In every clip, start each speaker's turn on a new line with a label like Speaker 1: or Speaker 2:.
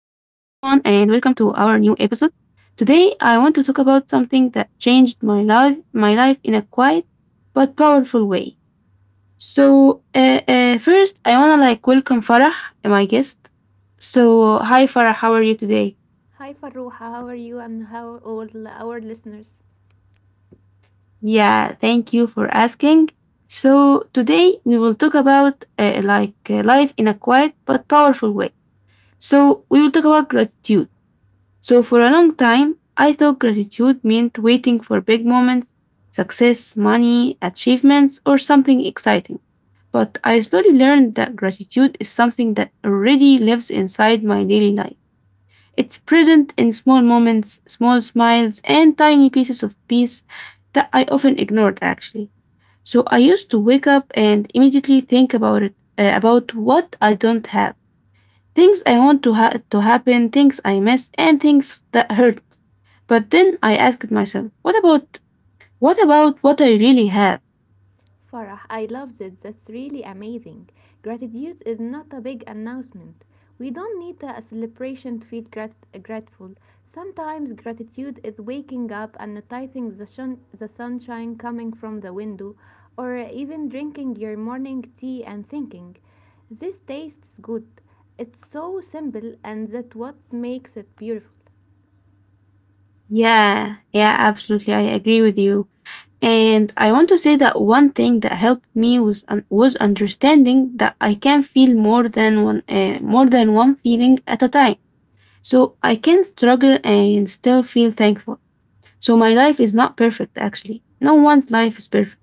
Speaker 1: and welcome to our new episode. Today, I want to talk about something that changed my life in a quiet but powerful way. First, I wanna like welcome Farah, my guest. So, hi Farah, how are you today?
Speaker 2: Hi Farooha, how are you and how all our listeners?
Speaker 1: Yeah, thank you for asking. So, today we will talk about like life in a quiet but powerful way. So, we will talk about gratitude. So for a long time, I thought gratitude meant waiting for big moments, success, money, achievements, or something exciting. But I slowly learned that gratitude is something that already lives inside my daily life. It's present in small moments, small smiles, and tiny pieces of peace that I often ignored actually. So I used to wake up and immediately think about it, about what I don't have, things I want to to happen, things I miss, and things that hurt, but then I asked myself, what about what about what I really have?
Speaker 2: Farah, I love it. That's really amazing. Gratitude is not a big announcement. We don't need a celebration to feel grateful. Sometimes gratitude is waking up and noticing the sunshine coming from the window, or even drinking your morning tea and thinking, this tastes good. It's so simple, and that's what makes it beautiful.
Speaker 1: Yeah, yeah, absolutely. I agree with you. And I want to say that one thing that helped me was was understanding that I can feel more than one feeling at a time. So I can struggle and still feel thankful. So my life is not perfect actually. No one's life is perfect.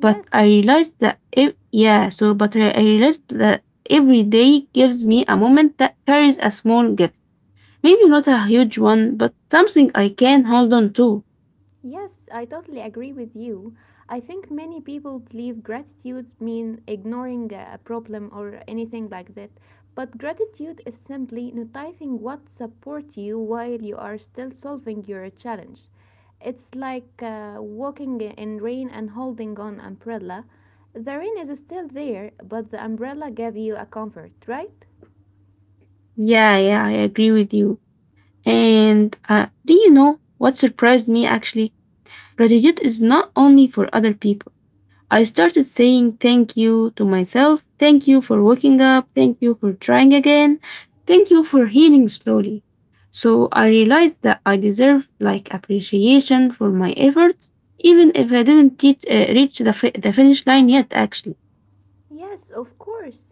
Speaker 1: But
Speaker 2: Yes,
Speaker 1: I realized that if yeah, so but I realized that every day gives me a moment that carries a small gift. Maybe not a huge one, but something I can hold on to.
Speaker 2: yes, I totally agree with you. I think many people believe gratitude means ignoring a problem or anything like that. But gratitude is simply noticing what supports you while you are still solving your challenge. It's like walking in rain and holding on umbrella. The rain is still there, but the umbrella gave you a comfort, right?
Speaker 1: Yeah, yeah, I agree with you. And do you know what surprised me actually? Gratitude is not only for other people. I started saying thank you to myself. Thank you for waking up. Thank you for trying again. Thank you for healing slowly. So I realized that I deserve like appreciation for my efforts, even if I didn't teach, reach the, the finish line yet, actually.
Speaker 2: Yes, of course.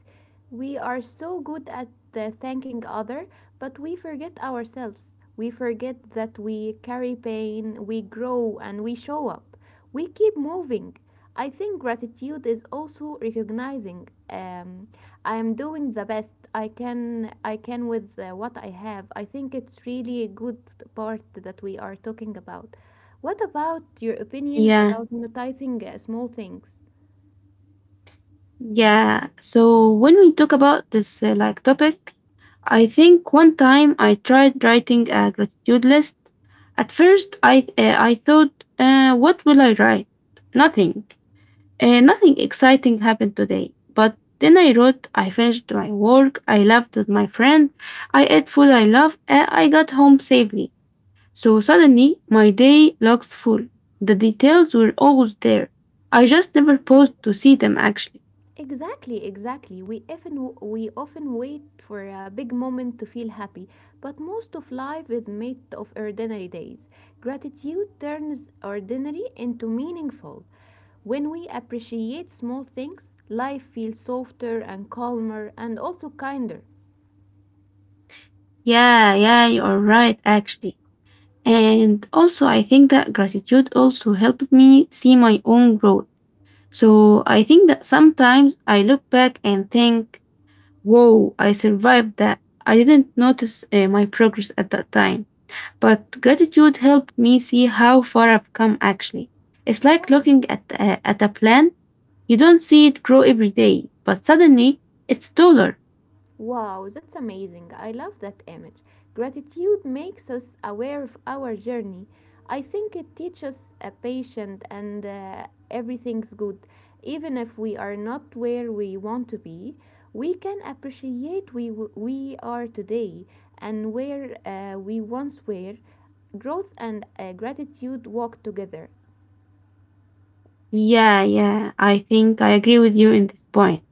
Speaker 2: We are so good at thanking other, but we forget ourselves. We forget that we carry pain, we grow and we show up. We keep moving. I think gratitude is also recognizing I am doing the best I can with what I have. I think it's really a good part that we are talking about. What about your opinion
Speaker 1: Yeah.
Speaker 2: about noticing small things?
Speaker 1: Yeah. So when we talk about this like topic, I think one time I tried writing a gratitude list. At first, I thought, what will I write? Nothing. Nothing exciting happened today. But then I wrote. I finished my work. I laughed with my friend. I ate food I love. And I got home safely. So suddenly, my day looks full. The details were always there. I just never paused to see them actually.
Speaker 2: Exactly, exactly. We often wait for a big moment to feel happy, but most of life is made of ordinary days. Gratitude turns ordinary into meaningful. When we appreciate small things, life feels softer and calmer and also kinder.
Speaker 1: Yeah, yeah, you're right, actually. And also, I think that gratitude also helped me see my own growth. So I think that sometimes I look back and think, whoa, I survived that. I didn't notice my progress at that time. But gratitude helped me see how far I've come, actually. It's like looking at a plant. You don't see it grow every day, but suddenly it's taller.
Speaker 2: Wow, that's amazing. I love that image. Gratitude makes us aware of our journey. I think it teaches a patient and everything's good. Even if we are not where we want to be, we can appreciate we are today and where we once were. Growth and gratitude walk together.
Speaker 1: Yeah, yeah, I think I agree with you in this point.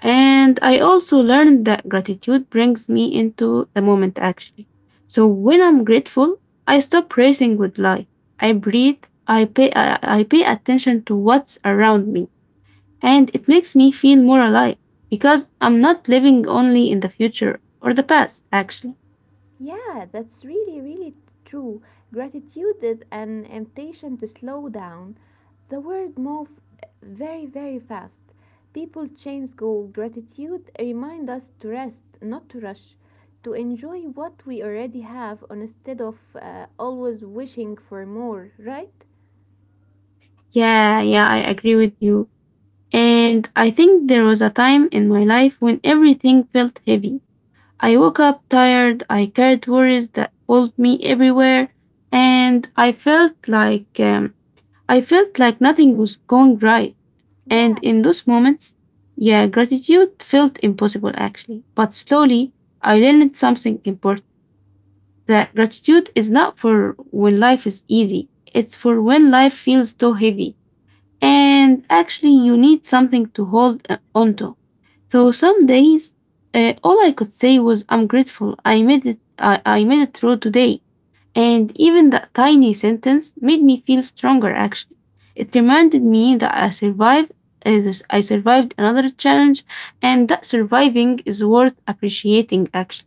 Speaker 1: And I also learned that gratitude brings me into the moment actually. So when I'm grateful, I stop racing with life. I breathe, I pay attention to what's around me. And it makes me feel more alive because I'm not living only in the future or the past actually.
Speaker 2: Yeah, that's really, really true. Gratitude is an invitation to slow down. The world moves very, very fast. People change goal. Gratitude remind us to rest, not to rush, to enjoy what we already have instead of always wishing for more, right?
Speaker 1: Yeah, yeah, I agree with you. And I think there was a time in my life when everything felt heavy. I woke up tired, I carried worries that pulled me everywhere, and I felt like nothing was going right. And
Speaker 2: Yeah.
Speaker 1: in those moments, yeah, gratitude felt impossible actually. But slowly, I learned something important that gratitude is not for when life is easy, it's for when life feels too heavy. And actually, you need something to hold onto. So some days, all I could say was, "I'm grateful. I made it. I made it through today." And even that tiny sentence made me feel stronger. Actually, it reminded me that I survived. uh, I survived another challenge, and that surviving is worth appreciating. Actually.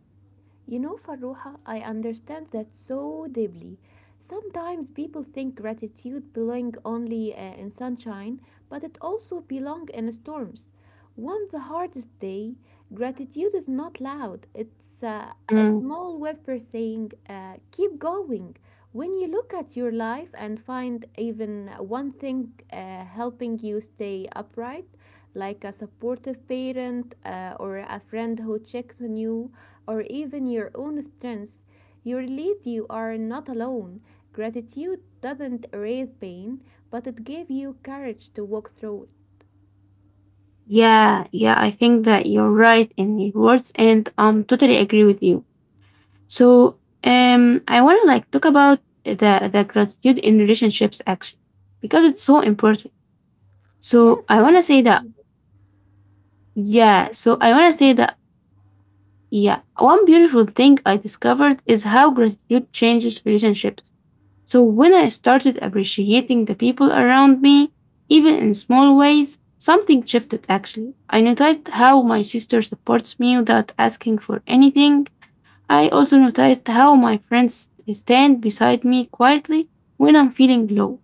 Speaker 2: You know, Farruha, I understand that so deeply. Sometimes people think gratitude belong only in sunshine, but it also belong in storms. On the hardest day, gratitude is not loud. It's a
Speaker 1: Mm.
Speaker 2: small whisper saying, "Keep going." When you look at your life and find even one thing helping you stay upright, like a supportive parent or a friend who checks on you, or even your own strength, you realize you are not alone. Gratitude doesn't erase pain, but it gave you courage to walk through it.
Speaker 1: Yeah, yeah, I think that you're right in your words, and totally agree with you. So, I want to like talk about the gratitude in relationships action because it's so important.
Speaker 2: Yes,
Speaker 1: So I want to say
Speaker 2: and
Speaker 1: that
Speaker 2: I
Speaker 1: yeah.
Speaker 2: think
Speaker 1: One beautiful thing I discovered is how gratitude changes relationships. So when I started appreciating the people around me, even in small ways, something shifted actually. I noticed how my sister supports me without asking for anything. I also noticed how my friends stand beside me quietly when I'm feeling low.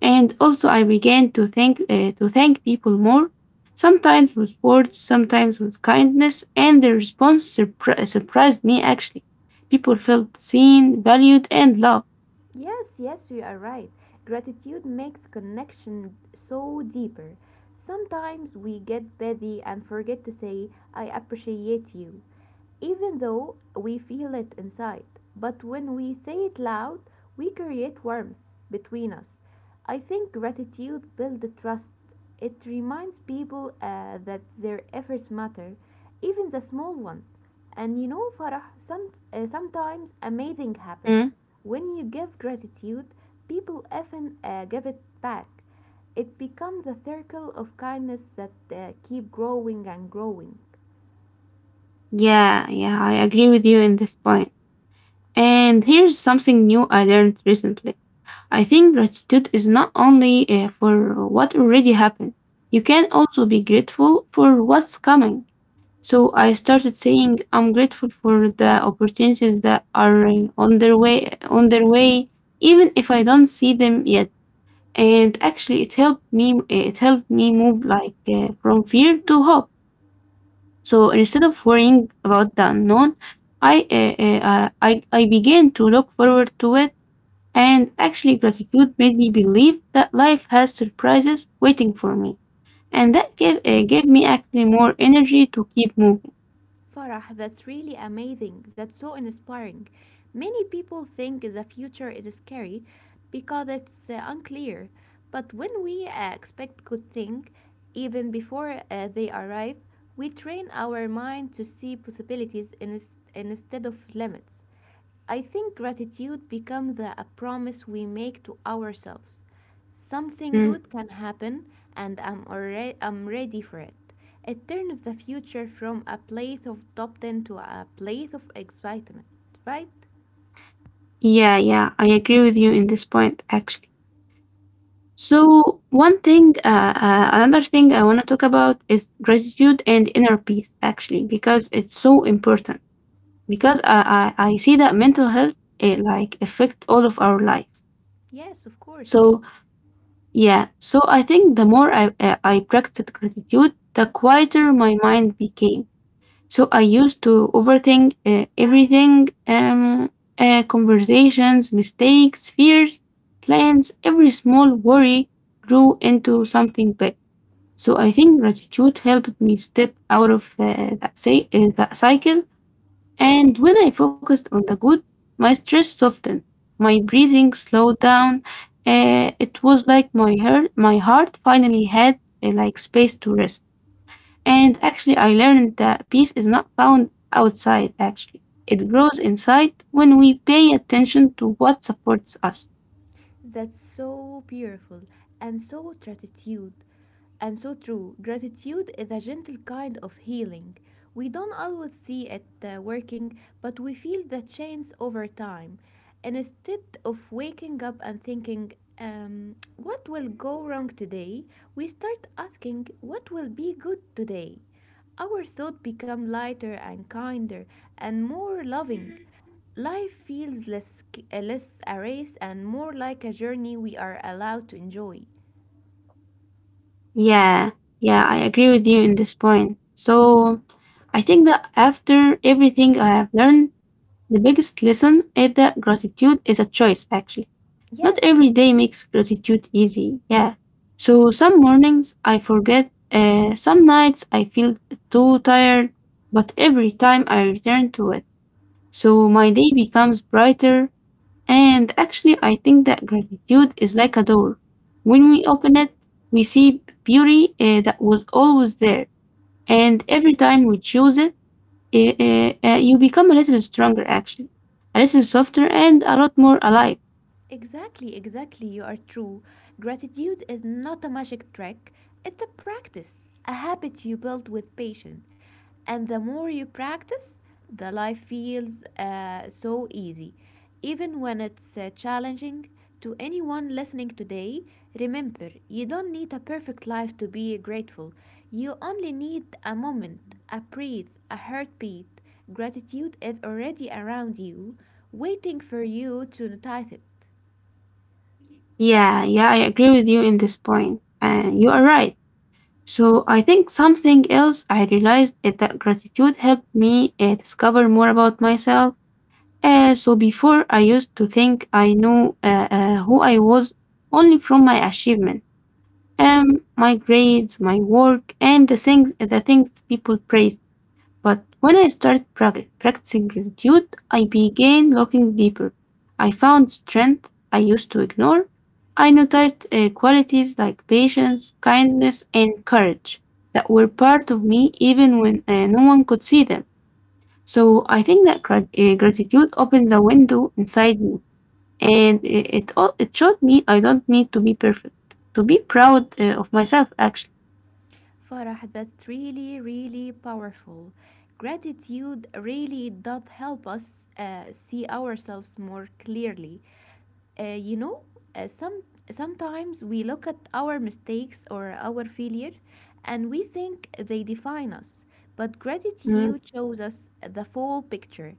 Speaker 1: And also I began to thank people more, sometimes with words, sometimes with kindness, and the response surprised me actually. People felt seen, valued, and loved.
Speaker 2: yes, yes, you are right. Gratitude makes connection so deeper. Sometimes we get busy and forget to say I appreciate you, even though we feel it inside. But when we say it loud, we create warmth between us. I think gratitude builds trust. It reminds people that their efforts matter, even the small ones. And you know, Farah, sometimes amazing happens.
Speaker 1: Mm.
Speaker 2: When you give gratitude, people often give it back. It becomes a circle of kindness that keep growing and growing.
Speaker 1: Yeah, yeah, I agree with you in this point. And here's something new I learned recently. I think gratitude is not only for what already happened, you can also be grateful for what's coming. So I started saying I'm grateful for the opportunities that are on their way, even if I don't see them yet. And actually, it helped me. It helped me move like from fear to hope. So instead of worrying about the unknown, I, uh, I began to look forward to it, and actually, gratitude made me believe that life has surprises waiting for me. And that gave, gave me actually more energy to keep moving.
Speaker 2: Farah, that's really amazing. That's so inspiring. Many people think the future is scary because it's unclear. But when we expect good things, even before they arrive, we train our mind to see instead of limits. I think gratitude becomes a promise we make to ourselves. Something
Speaker 1: Mm.
Speaker 2: good can happen, and I'm ready for it. It turns the future from a place of doubt into a place of excitement, right?
Speaker 1: Yeah, yeah, I agree with you in this point, actually. So, another thing I want to talk about is gratitude and inner peace, actually, because it's so important. Because I see that mental health it like affect all of our lives.
Speaker 2: Yes, of course.
Speaker 1: So yeah, so I think the more I practiced gratitude, the quieter my mind became. So I used to overthink everything, conversations, mistakes, fears, plans. Every small worry grew into something big. So I think gratitude helped me step out of that cycle, and when I focused on the good, my stress softened, my breathing slowed down. It was like my heart finally had like space to rest. And actually, I learned that peace is not found outside. Actually, it grows inside when we pay attention to what supports us.
Speaker 2: That's so beautiful and so gratitude. And so true. Gratitude is a gentle kind of healing. We don't always see it working, but we feel the change over time. And instead of waking up and thinking, what will go wrong today, we start asking, what will be good today? Our thoughts become lighter and kinder and more loving. Life feels less a race and more like a journey we are allowed to enjoy.
Speaker 1: Yeah, yeah, I agree with you in this point. So, I think that after everything I have learned, the biggest lesson is that gratitude is a choice. Actually, not
Speaker 2: Yes,
Speaker 1: every day makes gratitude easy, yeah. So some mornings I forget, some nights I feel too tired, but every time I return to it, so my day becomes brighter. And actually, I think that gratitude is like a door. When we open it, we see beauty that was always there. And every time we choose it, you become a little stronger, actually, a little softer, and a lot more alive.
Speaker 2: exactly, exactly, you are true. Gratitude is not a magic trick, it's a practice, a habit you build with patience. And the more you practice, the life feels so easy. Even when it's challenging, to anyone listening today, remember you don't need a perfect life to be grateful. You only need a moment, a breath, a heartbeat. Gratitude is already around you, waiting for you to notice it.
Speaker 1: Yeah, yeah, I agree with you in this point, and you are right. So I think something else I realized is that gratitude helped me discover more about myself. So before I used to think I knew who I was only from my achievement, um, my grades, my work, and the things people praised. But when I started practicing gratitude, I began looking deeper. I found strength I used to ignore. I noticed qualities like patience, kindness, and courage that were part of me even when no one could see them. So I think that gratitude opens a window inside me, and it showed me I don't need to be perfect to be proud of myself. Actually,
Speaker 2: Farah, that's really, really powerful. Gratitude really does help us see ourselves more clearly. You know, some, sometimes we look at our mistakes or our failure and we think they define us, but
Speaker 1: Mm,
Speaker 2: gratitude shows us the full picture.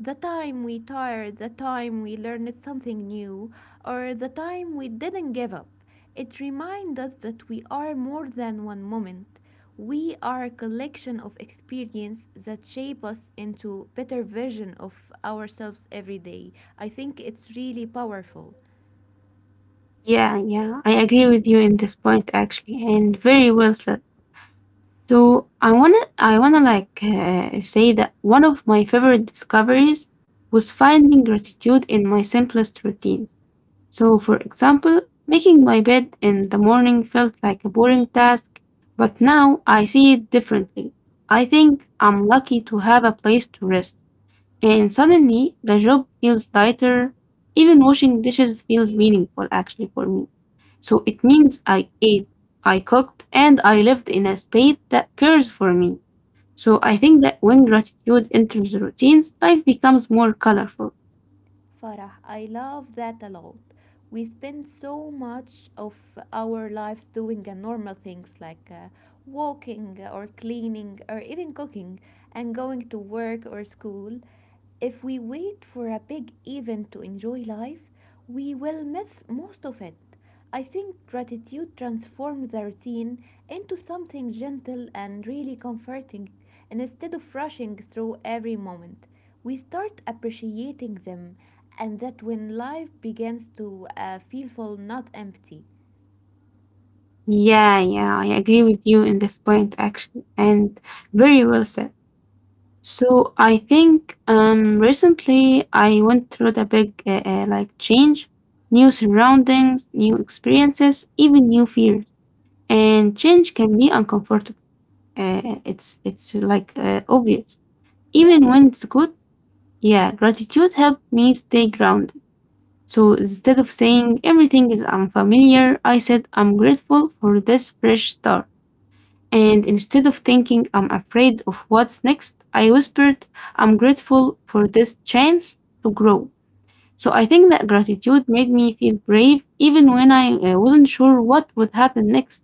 Speaker 2: The time we tired, the time we learned something new, or the time we didn't give up. It reminds us that we are more than one moment. We are a collection of experience that shape us into better version of ourselves every day. I think it's really powerful.
Speaker 1: yeah, yeah, I agree with you in this point actually, and very well said. So I wanna like say that one of my favorite discoveries was finding gratitude in my simplest routines. So for example, making my bed in the morning felt like a boring task, but now I see it differently. I think I'm lucky to have a place to rest, and suddenly the job feels lighter. Even washing dishes feels meaningful actually for me. So it means I ate, I cooked, and I lived in a space that cares for me. So I think that when gratitude enters the routines, life becomes more colorful.
Speaker 2: Farah, I love that a lot. We spend so much of our lives doing normal things like walking or cleaning or even cooking and going to work or school. If we wait for a big event to enjoy life, we will miss most of it. I think gratitude transforms the routine into something gentle and really comforting. Instead of rushing through every moment, we start appreciating them, and that when life begins to feel full, not empty.
Speaker 1: Yeah, yeah, I agree with you in this point actually, and very well said. So I think recently I went through the big like change, new surroundings, new experiences, even new fears. And change can be uncomfortable. It's like obvious.
Speaker 2: Yes.
Speaker 1: Even when it's good, yeah, gratitude helped me stay grounded. So instead of saying everything is unfamiliar, I said I'm grateful for this fresh start. And instead of thinking I'm afraid of what's next, I whispered, I'm grateful for this chance to grow. So I think that gratitude made me feel brave even when I wasn't sure what would happen next.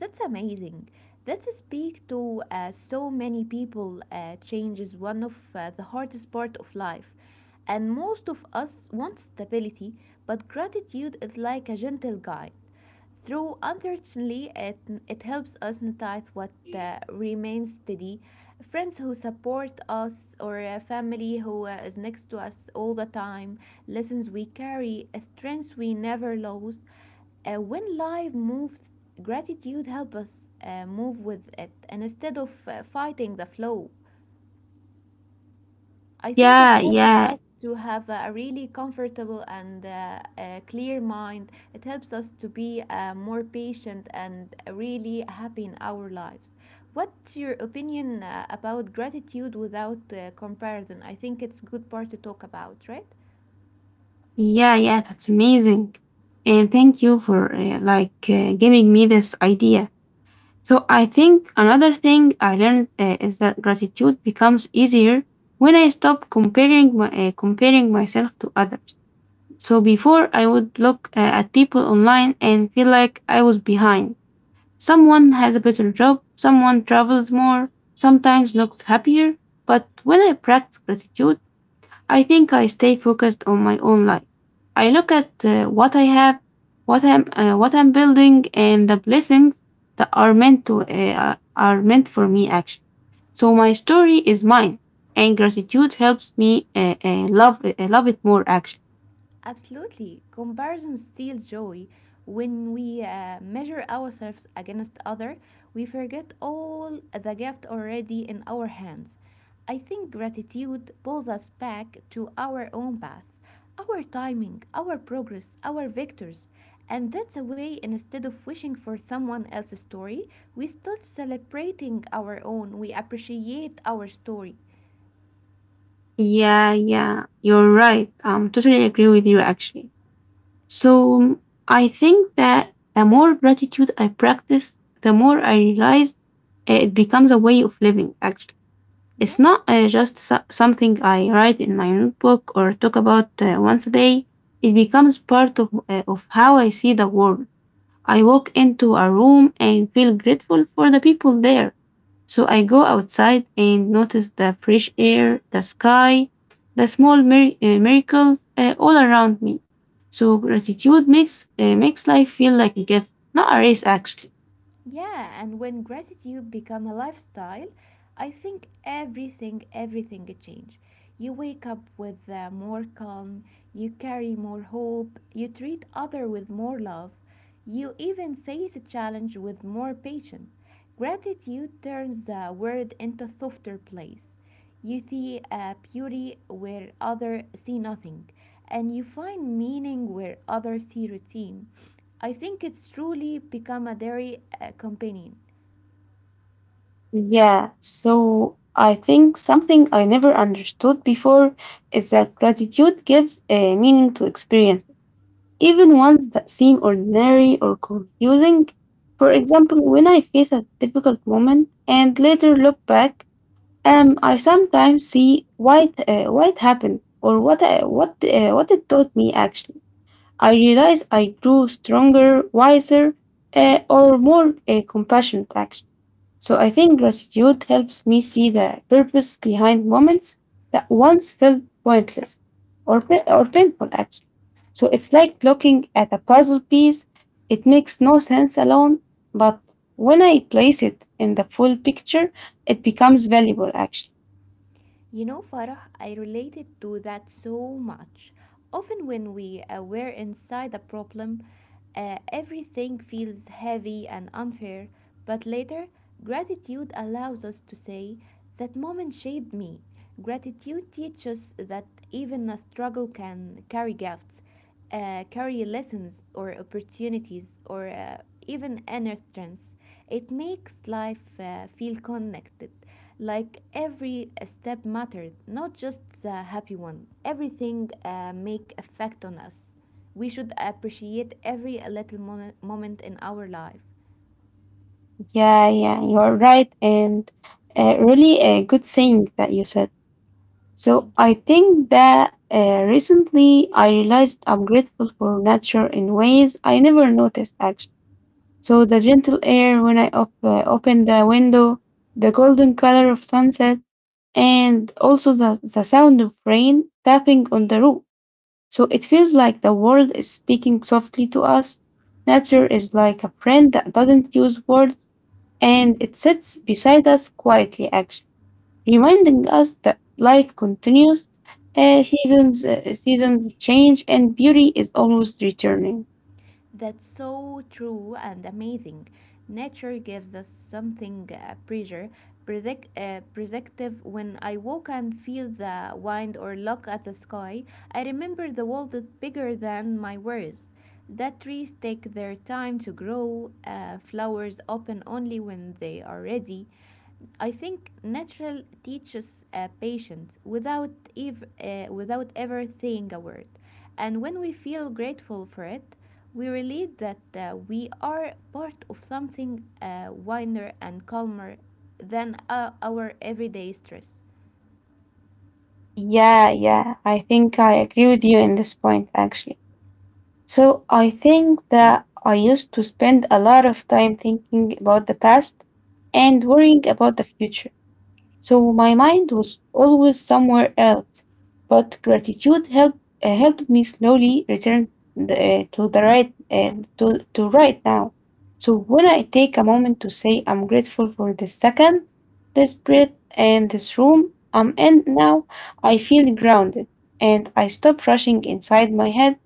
Speaker 2: That's amazing. That speak to so many people. Change is one of the hardest part of life, and most of us want stability, but gratitude is like a gentle guide. Though unfortunately it, it helps us notice what remains steady. Friends who support us or a family who is next to us all the time, lessons we carry, strengths we never lose. When life moves, gratitude helps us move with it and instead of fighting the flow. I think it
Speaker 1: Yeah,
Speaker 2: helps
Speaker 1: yeah,
Speaker 2: us to have a really comfortable and clear mind. It helps us to be more patient and really happy in our lives. What's your opinion about gratitude without comparison? I think it's good part to talk about, right?
Speaker 1: yeah, yeah, that's amazing. And thank you for giving me this idea. So I think another thing I learned is that gratitude becomes easier when I stop comparing comparing myself to others. So before I would look at people online and feel like I was behind. Someone has a better job, someone travels more, sometimes looks happier, but when I practice gratitude, I think I stay focused on my own life. I look at what I have, what I'm building and the blessings that are meant for me, actually. So my story is mine and gratitude helps me love it more, actually.
Speaker 2: Absolutely. Comparison steals joy. When we measure ourselves against other, we forget all the gift already in our hands. I think gratitude pulls us back to our own path, our timing, our progress, our victors. And that's a way instead of wishing for someone else's story, we start celebrating our own. We appreciate our story.
Speaker 1: Yeah, yeah, you're right. Totally agree with you, actually. So I think that the more gratitude I practice, the more I realize it becomes a way of living. Actually, it's
Speaker 2: Yeah.
Speaker 1: not just something I write in my notebook or talk about once a day. It becomes part of how I see the world. I walk into a room and feel grateful for the people there. So I go outside and notice the fresh air, the sky, the small miracles all around me. So gratitude makes life feel like a gift, not a race, actually.
Speaker 2: Yeah, and when gratitude become a lifestyle, I think everything change. You wake up with more calm, you carry more hope, you treat other with more love, you even face a challenge with more patience. Gratitude turns the world into a softer place. You see a beauty where others see nothing, and you find meaning where others see routine. I think it's truly become a dairy companion.
Speaker 1: Yeah, so I think something I never understood before is that gratitude gives a meaning to experience, even ones that seem ordinary or confusing. For example, when I face a difficult moment and later look back, I sometimes see why it happened or what I, what it taught me. Actually, I realize I grew stronger, wiser, or more compassionate. Actually. So I think gratitude helps me see the purpose behind moments that once felt pointless or or painful, actually. So it's like looking at a puzzle piece. It makes no sense alone, but when I place it in the full picture, it becomes valuable, actually.
Speaker 2: You know, Farah, I related to that so much. Often, when we were inside a problem, everything feels heavy and unfair, but later, gratitude allows us to say, that moment shaped me. Gratitude teaches that even a struggle can carry gifts, carry lessons or opportunities, or even inner strengths. It makes life feel connected like every step mattered, not just the happy one. Everything make effect on us. We should appreciate every little moment in our life.
Speaker 1: Yeah, yeah, you're right. And really a good saying that you said. So
Speaker 2: Thank you.
Speaker 1: I think that recently I realized I'm grateful for nature in ways I never noticed, actually. So the gentle air when I open the window, the golden color of sunset, and also the sound of rain tapping on the roof. So it feels like the world is speaking softly to us. Nature is like a friend that doesn't use words and it sits beside us quietly, actually, reminding us that life continues, seasons change, and beauty is always returning.
Speaker 2: That's so true and amazing. Nature gives us something predictive. When I walk and feel the wind or look at the sky, I remember the world is bigger than my worries. That trees take their time to grow, flowers open only when they are ready, I think natural teaches patience without without ever saying a word, and when we feel grateful for it, we realize that we are part of something wider and calmer than our everyday stress.
Speaker 1: Yeah, yeah, I think I agree with you in this point, actually. So I think that I used to spend a lot of time thinking about the past and worrying about the future. So my mind was always somewhere else. But gratitude helped me slowly return the, to the right to right now. So when I take a moment to say I'm grateful for this second, this breath and this room I'm in now, I feel grounded and I stop rushing inside my head,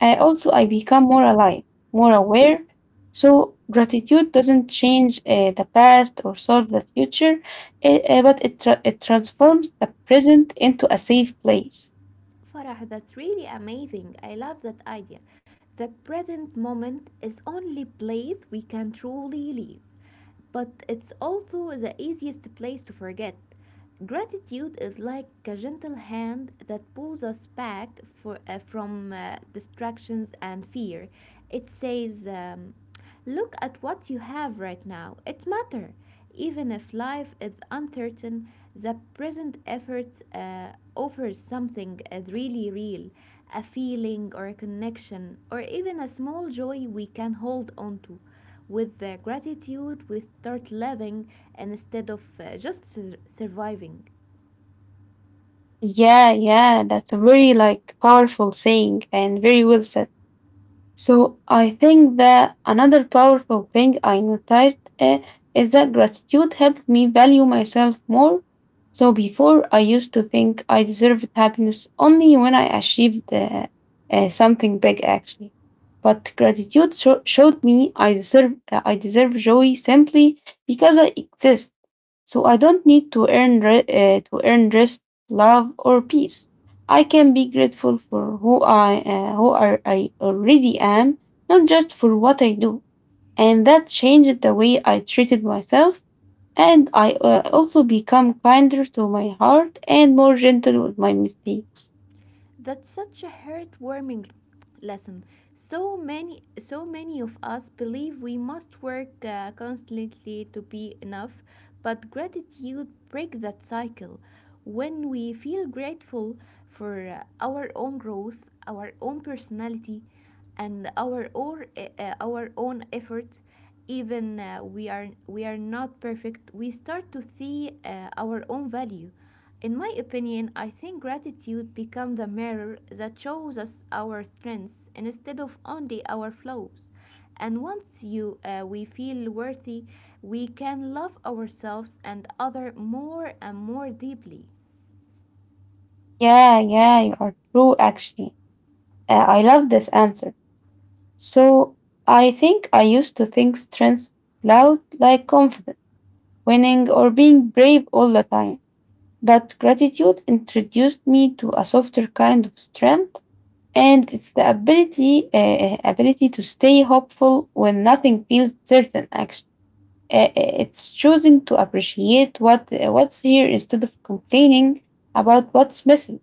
Speaker 1: also, I become more alive, more aware. So, gratitude doesn't change the past or solve the future, but it transforms the present into a safe place.
Speaker 2: Farah, that's really amazing. I love that idea. The present moment is only place we can truly live, but it's also the easiest place to forget. Gratitude is like a gentle hand that pulls us back from distractions and fear. It says, look at what you have right now. It matters. Even if life is uncertain, the present effort offers something really real, a feeling or a connection, or even a small joy we can hold on to. With the gratitude, we start living instead of surviving.
Speaker 1: Yeah, yeah, that's a very like powerful saying and very well said. So I think that another powerful thing I noticed is that gratitude helped me value myself more. So before I used to think I deserved happiness only when I achieved something big, actually. But gratitude showed me I deserve joy simply because I exist, so I don't need to to earn rest, love, or peace. I can be grateful for who I who are, I already am, not just for what I do. And that changed the way I treated myself, and I also become kinder to my heart and more gentle with my mistakes.
Speaker 2: That's such a heartwarming lesson. So many, so many of us believe we must work constantly to be enough, but gratitude breaks that cycle. When we feel grateful for our own growth, our own personality, and our own efforts, even we are not perfect, we start to see our own value. In my opinion, I think gratitude becomes the mirror that shows us our strengths instead of only our flaws. And once you we feel worthy, we can love ourselves and other more and more deeply.
Speaker 1: Yeah, yeah, you are true. Actually, I love this answer. So I think I used to think strength loud like confidence, winning, or being brave all the time. But gratitude introduced me to a softer kind of strength, and it's the ability to stay hopeful when nothing feels certain. Actually, it's choosing to appreciate what's here instead of complaining about what's missing.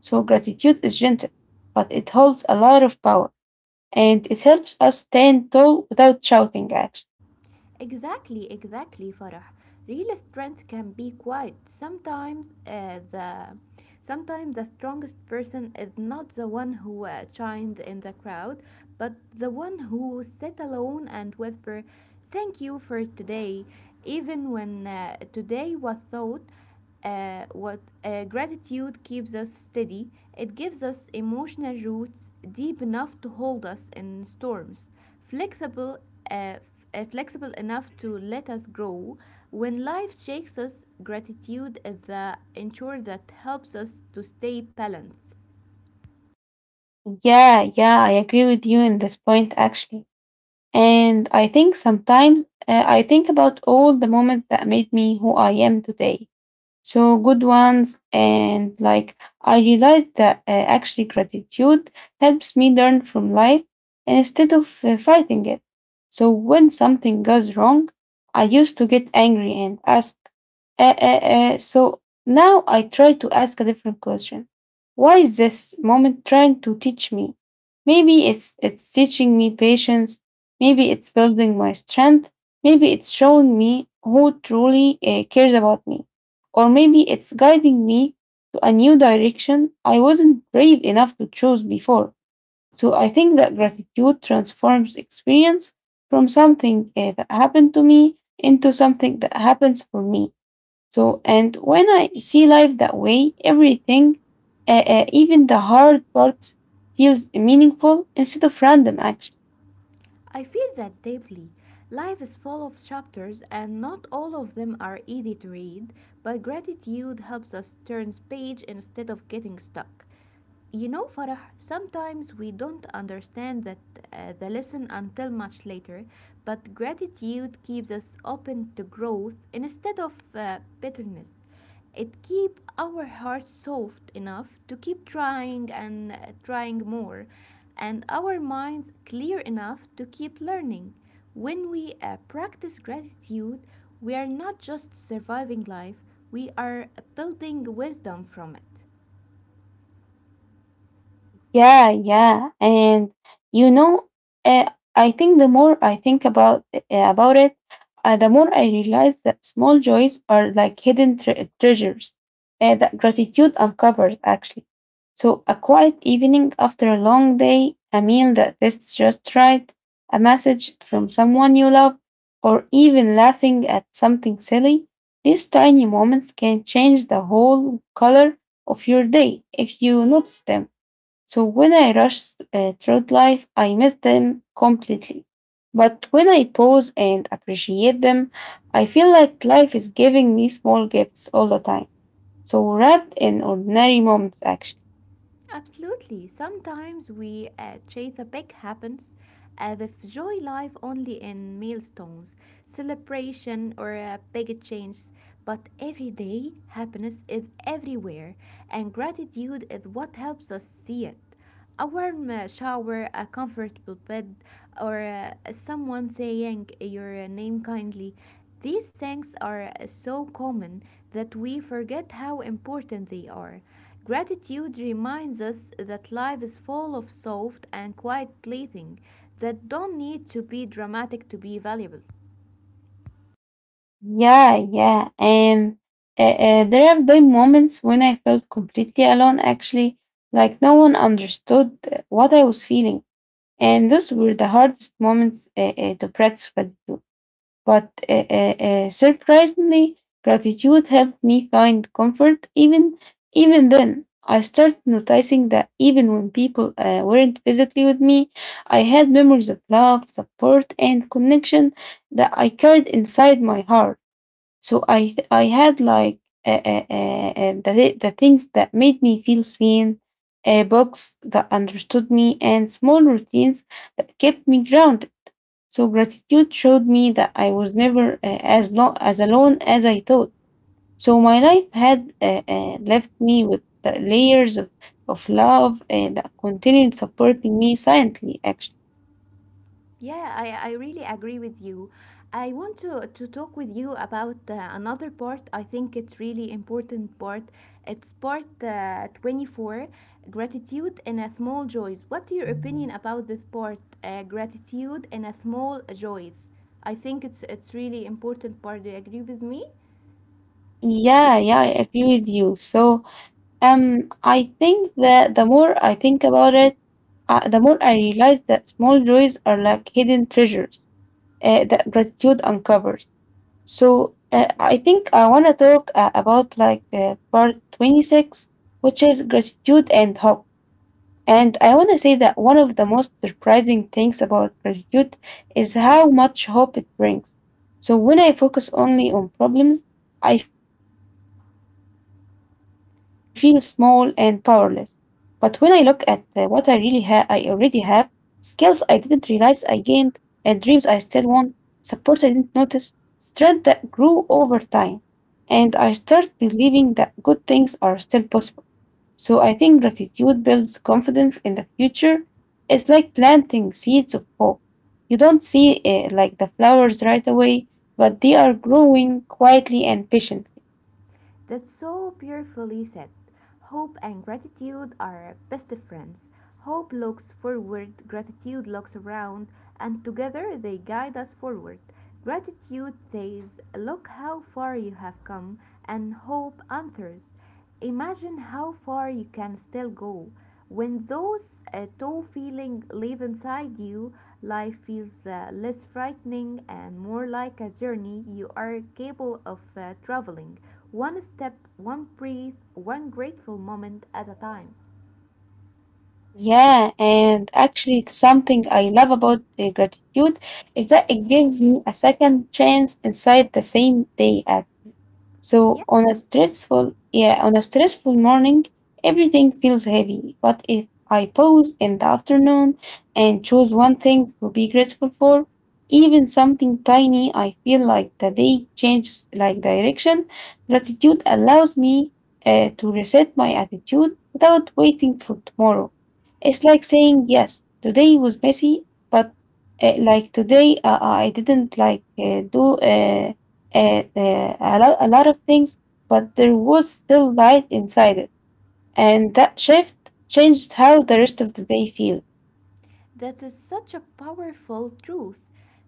Speaker 1: So gratitude is gentle, but it holds a lot of power, and it helps us stand tall without shouting. Actually,
Speaker 2: Exactly, exactly, Farah. Real strength can be quite sometimes the strongest person is not the one who shines in the crowd, but the one who sit alone and whisper, "Thank you for today," even when today was thought. What Gratitude keeps us steady. It gives us emotional roots deep enough to hold us in storms flexible, uh, flexible enough to let us grow. When life shakes us, gratitude is the ensure that helps us to stay balanced.
Speaker 1: yeah, yeah, I agree with you in this point. Actually. And I think sometimes I think about all the moments that made me who I am today. So good ones, and like I realized that actually gratitude helps me learn from life instead of fighting it. So when something goes wrong, I used to get angry and ask. So now I try to ask a different question. Why is this moment trying to teach me? Maybe it's teaching me patience. Maybe it's building my strength. Maybe it's showing me who truly cares about me. Or maybe it's guiding me to a new direction I wasn't brave enough to choose before. So I think that gratitude transforms experience from something that happened to me into something that happens for me. So, and when I see life that way, everything, even the hard parts, feels meaningful instead of random, actually.
Speaker 2: I feel that deeply. Life is full of chapters, and not all of them are easy to read, but gratitude helps us turn page instead of getting stuck. You know, Farah, sometimes we don't understand that the lesson until much later, but gratitude keeps us open to growth instead of bitterness. It keeps our hearts soft enough to keep trying and trying more, and our minds clear enough to keep learning. When we practice gratitude, we are not just surviving life, we are building wisdom from it.
Speaker 1: Yeah, yeah, and you know, I think the more I think about it, the more I realize that small joys are like hidden treasures that gratitude uncovers, actually. So a quiet evening after a long day, a meal that tastes just right, a message from someone you love, or even laughing at something silly, these tiny moments can change the whole color of your day if you notice them. So when I rush through life, I miss them completely. But when I pause and appreciate them, I feel like life is giving me small gifts all the time. So wrapped in ordinary moments, actually.
Speaker 2: Absolutely. Sometimes we chase the big happens, as if joy life only in milestones, celebration, or big changes. But every day, happiness is everywhere, and gratitude is what helps us see it. A warm shower, a comfortable bed, or someone saying your name kindly. These things are so common that we forget how important they are. Gratitude reminds us that life is full of soft and quiet blessings that don't need to be dramatic to be valuable.
Speaker 1: Yeah, yeah. And there have been moments when I felt completely alone, actually, like no one understood what I was feeling. And those were the hardest moments to practice gratitude. But surprisingly, gratitude helped me find comfort. Even even then, I started noticing that even when people weren't physically with me, I had memories of love, support, and connection that I carried inside my heart. So I had like the things that made me feel seen, books that understood me, and small routines that kept me grounded. So gratitude showed me that I was never as alone as I thought. So my life had left me with the layers of love that continued supporting me silently, actually.
Speaker 2: Yeah, I really agree with you. I want to talk with you about another part. I think it's really important part. It's part 24, gratitude and a small joys. What's your opinion about this part, gratitude and a small joys? I think it's really important part. Do you agree with me?
Speaker 1: Yeah, yeah, I agree with you. So I think that the more I think about it, the more I realize that small joys are like hidden treasures that gratitude uncovers. So I think I want to talk about part 26, which is gratitude and hope. And I want to say that one of the most surprising things about gratitude is how much hope it brings. So when I focus only on problems, I feel small and powerless. But when I look at what I really have, I already have skills I didn't realize I gained, dreams I still want, support I didn't notice, strength that grew over time, and I start believing that good things are still possible. So I think gratitude builds confidence in the future. It's like planting seeds of hope. You don't see the flowers right away, but they are growing quietly and patiently.
Speaker 2: That's so beautifully said. Hope and gratitude are best of friends. Hope looks forward, gratitude looks around, and together they guide us forward. Gratitude says, Look how far you have come, and hope answers. Imagine how far you can still go. When those two feelings live inside you, life feels less frightening and more like a journey you are capable of traveling. One step, one breath, one grateful moment at a time.
Speaker 1: Yeah, and actually, it's something I love about the gratitude is that it gives you a second chance inside the same day.
Speaker 2: Yeah.
Speaker 1: So on a stressful, yeah, on a stressful morning, everything feels heavy. But if I pause in the afternoon and choose one thing to be grateful for, even something tiny, I feel like the day changes like direction. Gratitude allows me to reset my attitude without waiting for tomorrow. It's like saying yes, today was messy, but like today I didn't like do a lot of things, but there was still light inside it. And that shift changed how the rest of the day feel.
Speaker 2: That is such a powerful truth.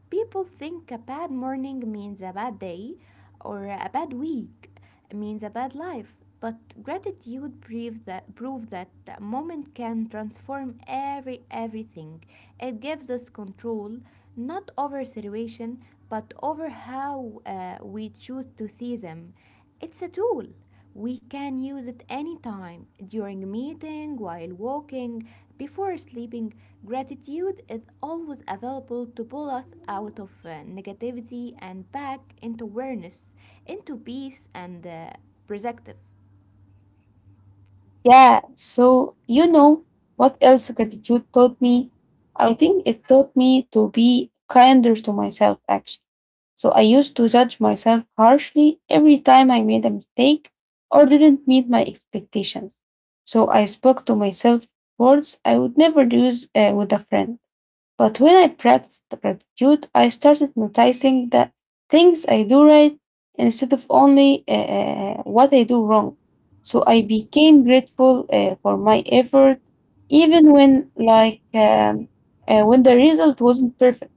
Speaker 2: People think a bad morning means a bad day or a bad week, means a bad life. But prove that a moment can transform every everything. It gives us control, not over situation, but over how we choose to see them. It's a tool. We can use it anytime during meeting, while walking, before sleeping. Gratitude is always available to pull us out of negativity and back into awareness, into peace and perspective.
Speaker 1: Yeah, so you know what else gratitude taught me? I think it taught me to be kinder to myself, actually. So I used to judge myself harshly every time I made a mistake or didn't meet my expectations. So I spoke to myself words I would never use with a friend. But when I practiced the gratitude, I started noticing the things I do right instead of only what I do wrong. So I became grateful for my effort, even when like when the result wasn't perfect.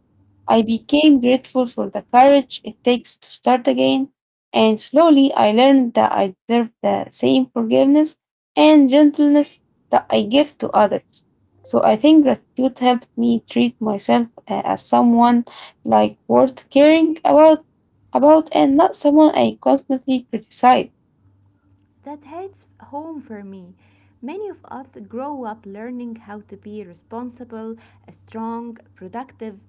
Speaker 1: I became grateful for the courage it takes to start again, and slowly I learned that I deserve the same forgiveness and gentleness that I give to others. So I think gratitude helped me treat myself as someone like worth caring about, and not someone I constantly criticize.
Speaker 2: That hits home for me. Many of us grow up learning how to be responsible, strong, productive.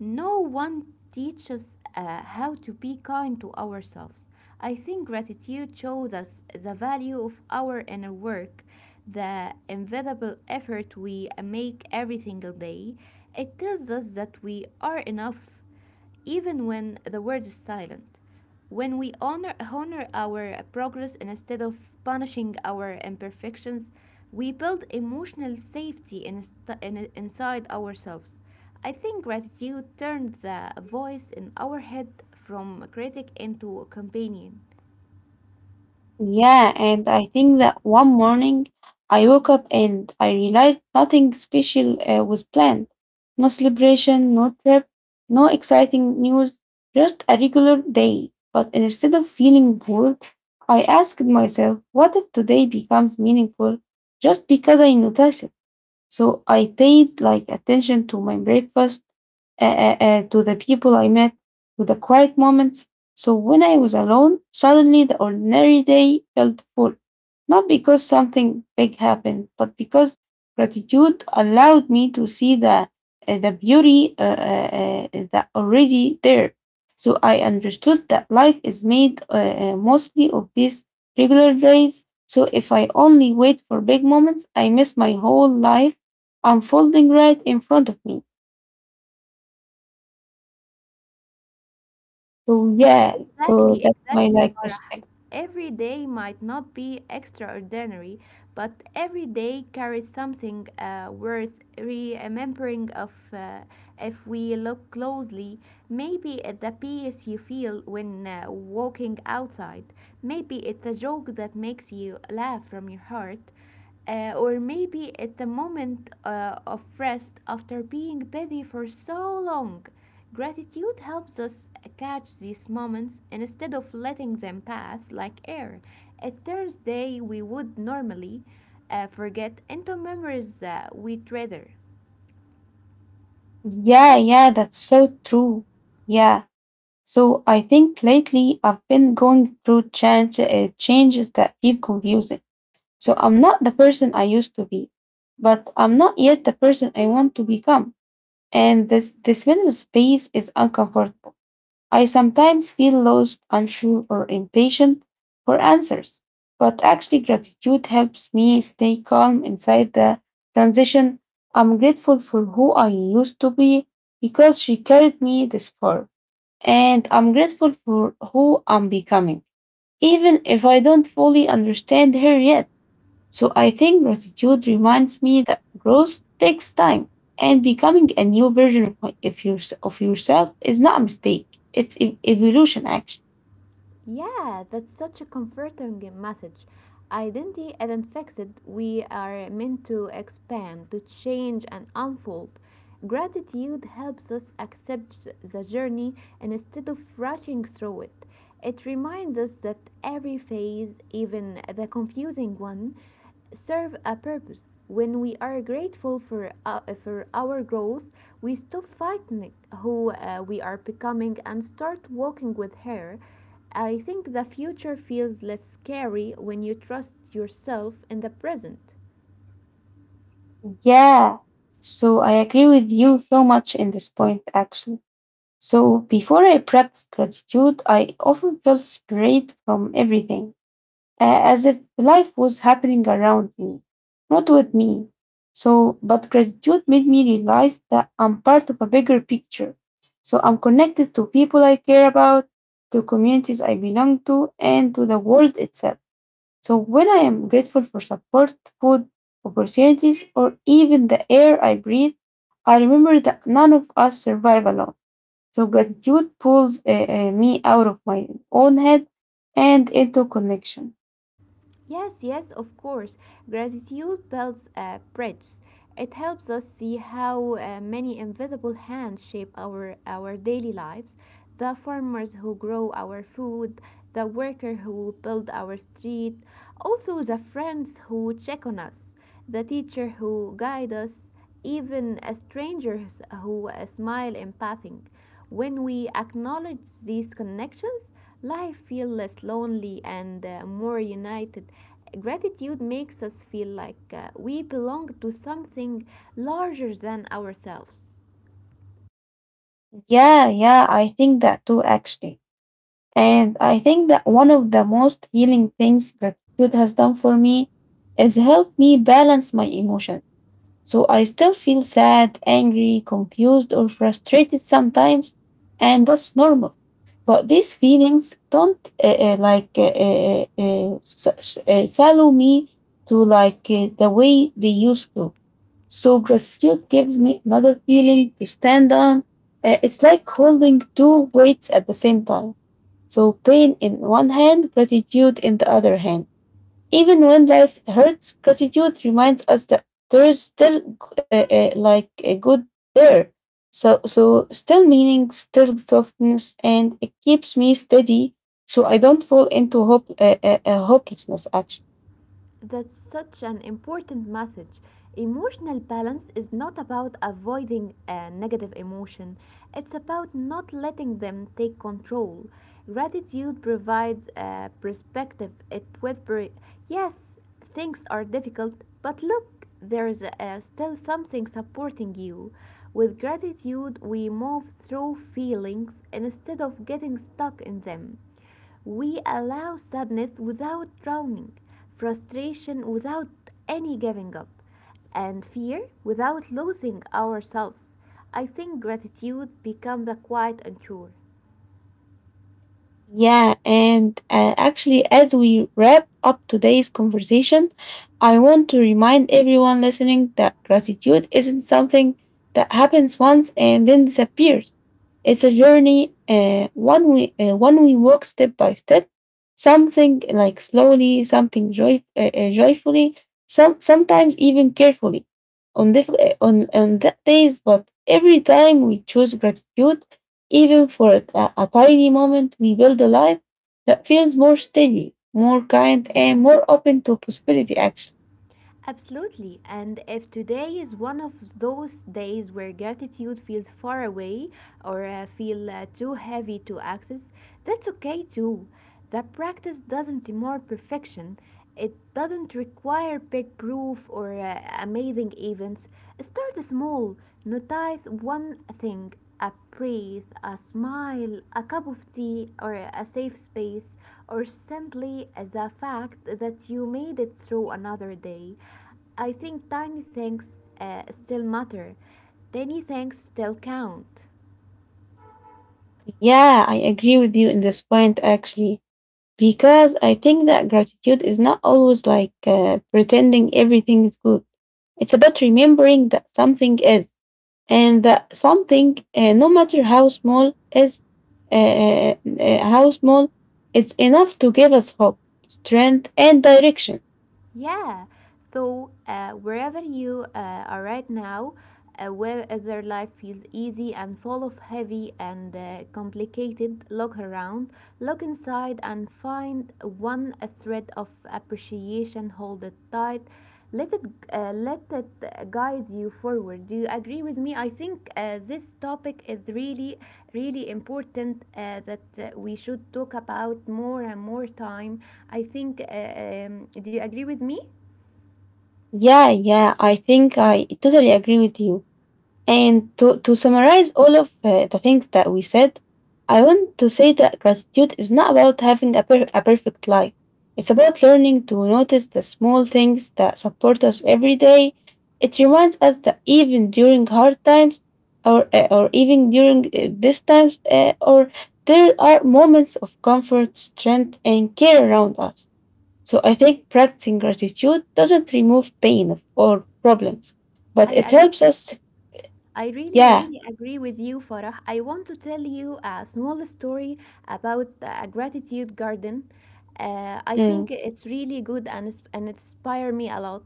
Speaker 2: No one teaches how to be kind to ourselves. I think gratitude shows us the value of our inner work, the invisible effort we make every single day. It tells us that we are enough, even when the word is silent. When we honor our progress instead of punishing our imperfections, we build emotional safety inside ourselves. I think gratitude turned the voice in our head from critic into companion.
Speaker 1: Yeah, and I think that one morning I woke up and I realized nothing special was planned. No celebration, no trip, no exciting news, just a regular day. But instead of feeling bored, I asked myself, what if today becomes meaningful just because I notice it? So I paid like attention to my breakfast, to the people I met, to the quiet moments. So when I was alone, suddenly the ordinary day felt full, not because something big happened, but because gratitude allowed me to see the beauty that already there. So I understood that life is made mostly of these regular days. So if I only wait for big moments, I miss my whole life unfolding right in front of me. So yeah, so
Speaker 2: Exactly,
Speaker 1: that's my
Speaker 2: exactly,
Speaker 1: like
Speaker 2: Farah.
Speaker 1: respect.
Speaker 2: Every day might not be extraordinary, but every day carries something worth remembering of if we look closely. Maybe it's the peace you feel when walking outside. Maybe it's a joke that makes you laugh from your heart or maybe at the moment of rest after being busy for so long. Gratitude helps us catch these moments instead of letting them pass like air. A Thursday we would normally forget into memories we treasure,
Speaker 1: Yeah,
Speaker 2: right?
Speaker 1: yeah, that's so true. Yeah. So I think lately I've been going through changes that keep confusing. So I'm not the person I used to be, but I'm not yet the person I want to become. And this middle space is uncomfortable. I sometimes feel lost, unsure, or impatient for answers, but actually, gratitude helps me stay calm inside the transition. I'm grateful for who I used to be because she carried me this far, and I'm grateful for who I'm becoming, even if I don't fully understand her yet. So I think gratitude reminds me that growth takes time and becoming a new version of yourself is not a mistake. It's evolution, actually.
Speaker 2: Yeah, that's such a comforting message. Identity isn't fixed. We are meant to expand, to change, and unfold. Gratitude helps us accept the journey instead of rushing through it. It reminds us that every phase, even the confusing one, serve a purpose. When we are grateful for our growth, we stop fighting who we are becoming and start walking with her. I think the future feels less scary when you trust yourself in the present.
Speaker 1: Yeah. So I agree with you so much in this point, actually. So before I practiced gratitude, I often felt separate from everything. As if life was happening around me, not with me. So, but gratitude made me realize that I'm part of a bigger picture. So, I'm connected to people I care about, to communities I belong to, and to the world itself. So, when I am grateful for support, food, opportunities, or even the air I breathe, I remember that none of us survive alone. So, gratitude pulls me out of my own head and into connection.
Speaker 2: Yes, yes, of course. Gratitude builds a bridge. It helps us see how many invisible hands shape our daily lives, the farmers who grow our food, the worker who build our street, also the friends who check on us, the teacher who guide us, even a stranger who smile empathing. When we acknowledge these connections, life feels less lonely and more united. Gratitude makes us feel like we belong to something larger than ourselves.
Speaker 1: Yeah, yeah, I think that too, actually. And I think that one of the most healing things gratitude has done for me is help me balance my emotions. So I still feel sad, angry, confused, or frustrated sometimes, and that's normal. But these feelings don't like s- s- shallow me to the way they used to. So gratitude gives me another feeling to stand on. It's like holding two weights at the same time. So pain in one hand, gratitude in the other hand. Even when life hurts, gratitude reminds us that there is still like a good there. So still meaning, still softness, and it keeps me steady, so I don't fall into hopelessness. Actually,
Speaker 2: That's such an important message. Emotional balance is not about avoiding a negative emotion, it's about not letting them take control. Gratitude provides a perspective. It with yes, things are difficult, but look, there is still something supporting you. With gratitude, we move through feelings instead of getting stuck in them. We allow sadness without drowning, frustration without any giving up, and fear without losing ourselves. I think gratitude becomes a quiet anchor.
Speaker 1: yeah, and actually, as we wrap up today's conversation, I want to remind everyone listening that gratitude isn't something that happens once and then disappears. It's a journey, one we walk step by step, something like slowly, something joyfully, some sometimes even carefully, on on that days. But every time we choose gratitude even for a tiny moment, we build a life that feels more steady, more kind, and more open to possibility, actually.
Speaker 2: Absolutely. And if today is one of those days where gratitude feels far away or feel too heavy to access, that's okay too. The practice doesn't demand perfection. It doesn't require big proof or amazing events. Start small. Notice one thing, a breath, a smile, a cup of tea, or a safe space or simply as a fact that you made it through another day. I think tiny things still matter. Tiny things still count.
Speaker 1: Yeah, I agree with you in this point, actually, because I think that gratitude is not always like pretending everything is good. It's about remembering that something is, and that something, no matter how small, is uh, uh, uh, how small, is enough to give us hope, strength, and direction.
Speaker 2: Yeah. So, wherever you are right now, whether life feels easy and full of heavy and complicated, look around, look inside, and find one thread of appreciation. Hold it tight. Let it let it guide you forward. Do you agree with me? I think this topic is really really important that we should talk about more and more time I think, do you agree with me?
Speaker 1: Yeah, yeah, I think I totally agree with you. And to summarize all of the things that we said, I want to say that gratitude is not about having a perfect life. It's about learning to notice the small things that support us every day. It reminds us that even during hard times, or even during these times, or there are moments of comfort, strength, and care around us. So I think practicing gratitude doesn't remove or problems, but
Speaker 2: I,
Speaker 1: it
Speaker 2: I,
Speaker 1: helps us.
Speaker 2: I really,
Speaker 1: Yeah.
Speaker 2: really agree with you, Farah. I want to tell you a small story about a gratitude garden. I
Speaker 1: Mm,
Speaker 2: think it's really good and inspire me a lot.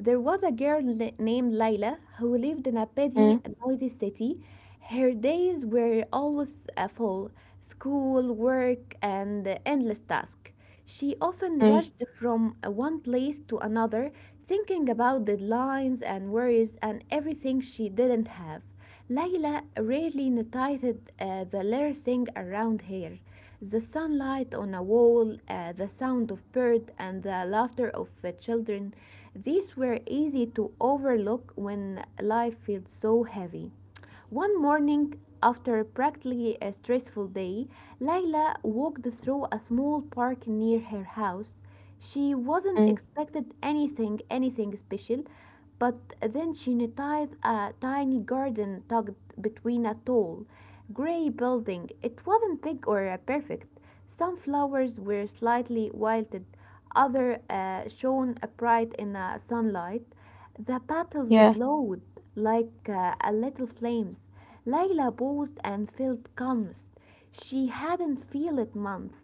Speaker 2: There was a named Layla who lived in a busy,
Speaker 1: mm,
Speaker 2: noisy city. Her days were always full, school, work, and endless tasks. She often
Speaker 1: mm,
Speaker 2: rushed from one place to another, thinking about deadlines and worries and everything she didn't have. Layla rarely noticed the little thing around her, the sunlight on a wall, the sound of birds, and the laughter of children. These were easy to overlook when life feels so heavy. One morning, after a practically a stressful day, Layla walked through a small park near her house. She wasn't
Speaker 1: mm,
Speaker 2: expected anything special, but then she noticed a tiny garden tucked between a tall, gray building. It wasn't big or perfect, some flowers were slightly wilted, others shone bright in the sunlight. The petals
Speaker 1: yeah.
Speaker 2: glowed like a little flames. Layla paused and felt calmest. She hadn't felt it months.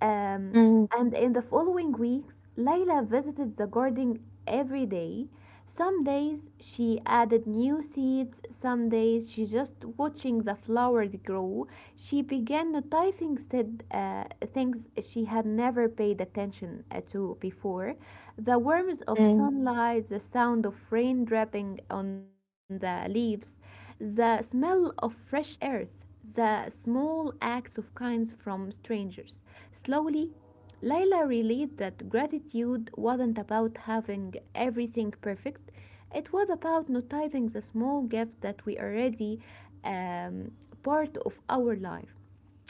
Speaker 2: Um,
Speaker 1: Mm,
Speaker 2: and in the following weeks, Layla visited the garden every day. Some days she added new seeds, some days she just watching the flowers grow. She began noticing said, things she had never paid attention to before. The warmth of
Speaker 1: mm,
Speaker 2: sunlight, the sound of rain dripping on the leaves, the smell of fresh earth, the small acts of kindness from strangers. Slowly, Layla realized that gratitude wasn't about having everything perfect, it was about noticing the small gifts that we already um, part of our life.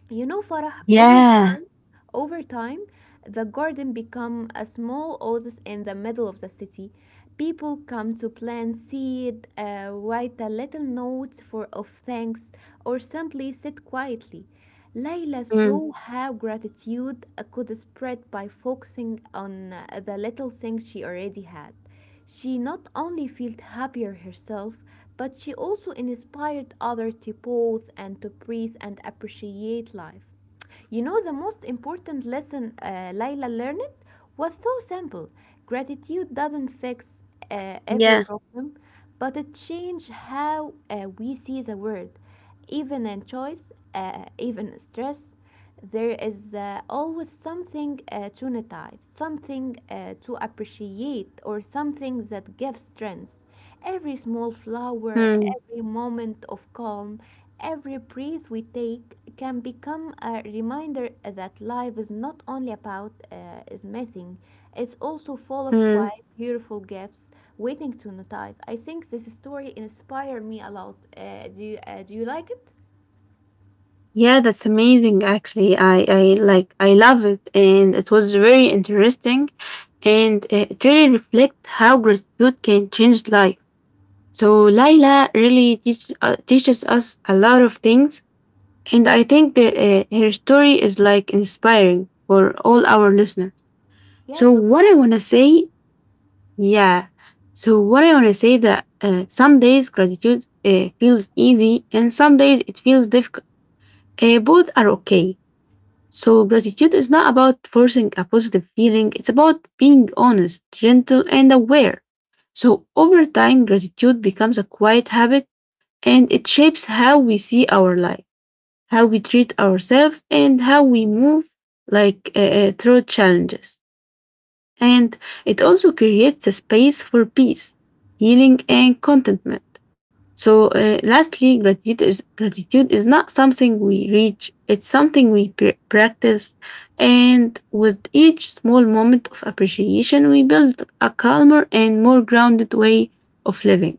Speaker 2: You know, Farah,
Speaker 1: yeah.
Speaker 2: over time, the garden become a small oasis in the middle of the city. People come to plant seed, write a little note for of thanks, or simply sit quietly. Layla
Speaker 1: Mm,
Speaker 2: saw how gratitude could spread by focusing on the little things she already had. She not only felt happier herself, but she also inspired others to pause and to breathe and appreciate life. You know, the most important lesson Layla learned was so simple.
Speaker 1: yeah.
Speaker 2: Gratitude doesn't fix every problem, but it changes how we see the world. Even in choice, even in stress, there is always something to notice, something to appreciate, or something that gives strength. Every small flower,
Speaker 1: Mm,
Speaker 2: every moment of calm, every breath we take can become a reminder that life is not only about smithing, it's also full of
Speaker 1: mm.
Speaker 2: quiet, beautiful gifts waiting to notice. I think this story inspired me a lot. Do you like it?
Speaker 1: Yeah, that's amazing. Actually, I like I love it, and it was very interesting, and it really reflects how gratitude can change life. So Laila really teaches us a lot of things. And I think that her story is like inspiring for all our listeners. So
Speaker 2: Yes, of
Speaker 1: what I
Speaker 2: course.
Speaker 1: want to say, yeah. So what I want to say that some days gratitude feels easy and some days it feels difficult. Both are okay. So gratitude is not about forcing a positive feeling. It's about being honest, gentle, and aware. So over time, gratitude becomes a quiet habit and it shapes how we see our life, how we treat ourselves, and how we move through challenges. And it also creates a space for peace, healing, and contentment. So, lastly, gratitude is not something we reach, it's something we practice. And with each small moment of appreciation, we build a calmer and more grounded way of living.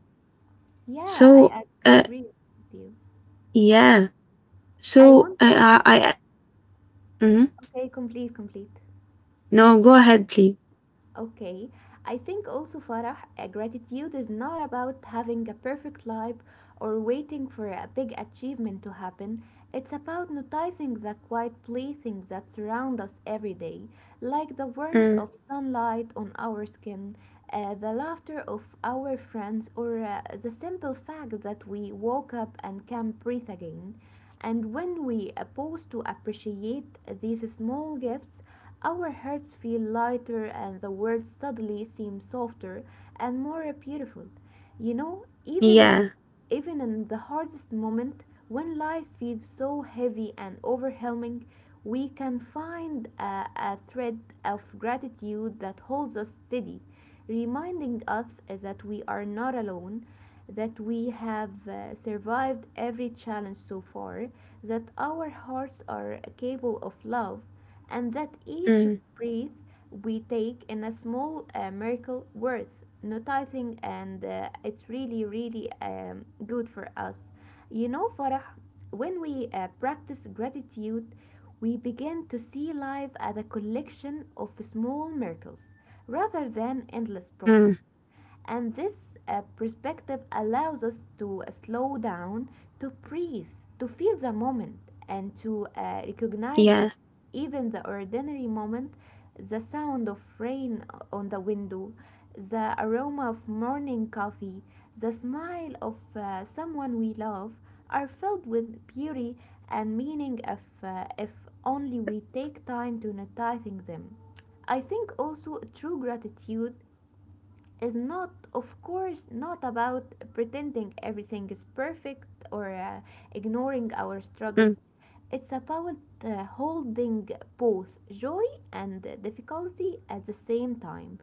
Speaker 2: Yeah, I
Speaker 1: So, uh,
Speaker 2: agree with you.
Speaker 1: yeah.
Speaker 2: I
Speaker 1: So,
Speaker 2: want also.
Speaker 1: I mhm.
Speaker 2: Okay, complete, complete.
Speaker 1: No, go ahead, please.
Speaker 2: Okay, I think also, Farah, gratitude is not about having a perfect life or waiting for a big achievement to happen. It's about noticing the quiet playthings that surround us every day, like the warmth
Speaker 1: Mm,
Speaker 2: of sunlight on our skin, the laughter of our friends, or the simple fact that we woke up and can breathe again. And when we pause to appreciate these small gifts, our hearts feel lighter and the words suddenly seem softer and more beautiful. You know, even in,
Speaker 1: yeah.
Speaker 2: even in the hardest moment, when life feels so heavy and overwhelming, we can find a thread of gratitude that holds us steady, reminding us that we are not alone, that we have survived every challenge so far, that our hearts are capable of love, and that each
Speaker 1: Mm,
Speaker 2: breath we take in a small miracle worth noticing, and it's really, really good for us. You know, Farah, when we practice gratitude, we begin to see life as a collection of small miracles rather than
Speaker 1: mm,
Speaker 2: endless problems. And this perspective allows us to slow down, to breathe, to feel the moment, and to
Speaker 1: yeah.
Speaker 2: recognize that even the ordinary moment, the sound of rain on the window, the aroma of morning coffee, the smile of someone we love, are filled with beauty and meaning if only we take time to noticing them. I think also true gratitude is not, of course, not about pretending everything is perfect or
Speaker 1: Mm,
Speaker 2: ignoring our struggles. It's about holding both joy and difficulty at the same time.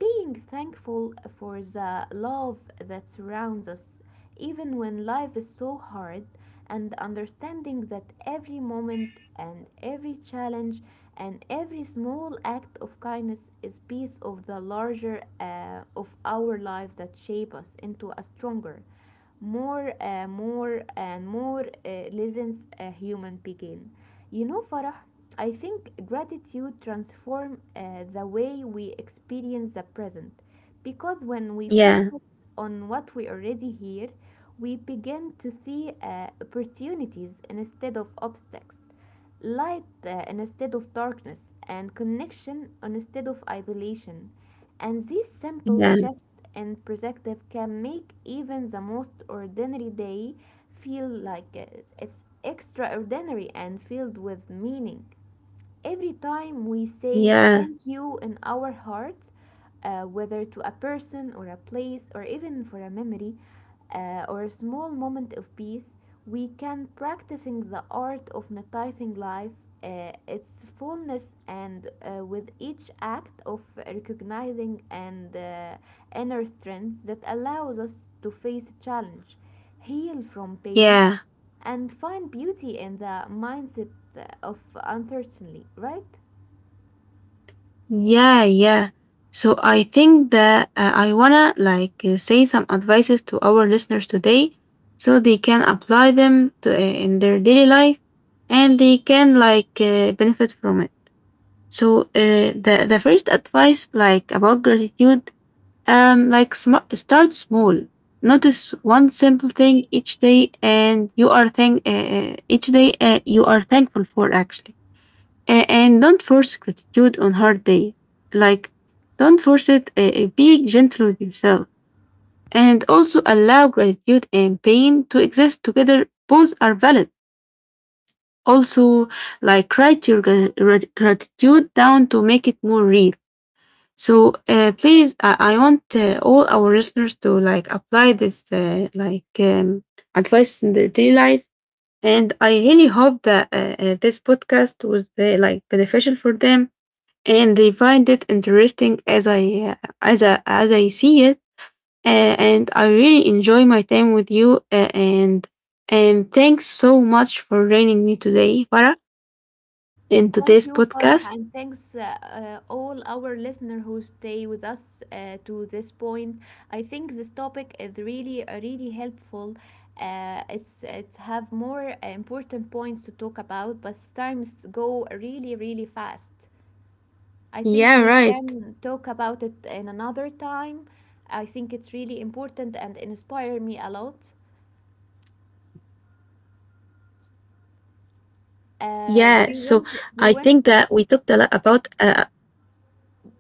Speaker 2: Being thankful for the love that surrounds us, even when life is so hard, and understanding that every moment and every challenge and every small act of kindness is piece of the larger of our lives that shape us into a stronger, more and more lessons a human begin. You know, Farah, I think gratitude transform the way we experience the present, because when we
Speaker 1: yeah.
Speaker 2: focus on what we already hear, we begin to see opportunities instead of obstacles, light instead of darkness, and connection instead of isolation. And this simple
Speaker 1: Yeah.
Speaker 2: shift in perspective can make even the most ordinary day feel like it's extraordinary and filled with meaning. Every time we say
Speaker 1: Yeah.
Speaker 2: thank you in our hearts, whether to a person or a place or even for a memory or a small moment of peace, we can practicing the art of noticing life, its fullness, and with each act of recognizing and inner strength that allows us to face challenge, heal from pain,
Speaker 1: Yeah.
Speaker 2: and find beauty in the mindset of uncertainty, right?
Speaker 1: Yeah. Yeah. So I think that I wanna like say some advices to our listeners today, so they can apply them in their daily life, and they can like benefit from it. So the first advice like about gratitude. Like start small. Notice one simple thing each day, and you are thank each day you are thankful for, actually. And don't force gratitude on hard day. Like don't force it. Be gentle with yourself, and also allow gratitude and pain to exist together. Both are valid. Also, like write your gratitude down to make it more real. So I want all our listeners to like apply this advice in their daily life, and I really hope that this podcast was like beneficial for them and they find it interesting as as I see it, uh, and I really enjoy my time with you and thanks so much for joining me today, Farah, in
Speaker 2: Thank
Speaker 1: today's
Speaker 2: you, Farah,
Speaker 1: podcast.
Speaker 2: and thanks all our listeners who stay with us to this point. I think this topic is really helpful. It's have more important points to talk about, but times go really, really fast. I think
Speaker 1: Yeah,
Speaker 2: we
Speaker 1: right.
Speaker 2: can talk about it in another time. I think it's really important and inspire me a lot.
Speaker 1: Yeah, so I think
Speaker 2: Uh, do you
Speaker 1: that we
Speaker 2: want do
Speaker 1: talked a
Speaker 2: you
Speaker 1: lot
Speaker 2: want
Speaker 1: about,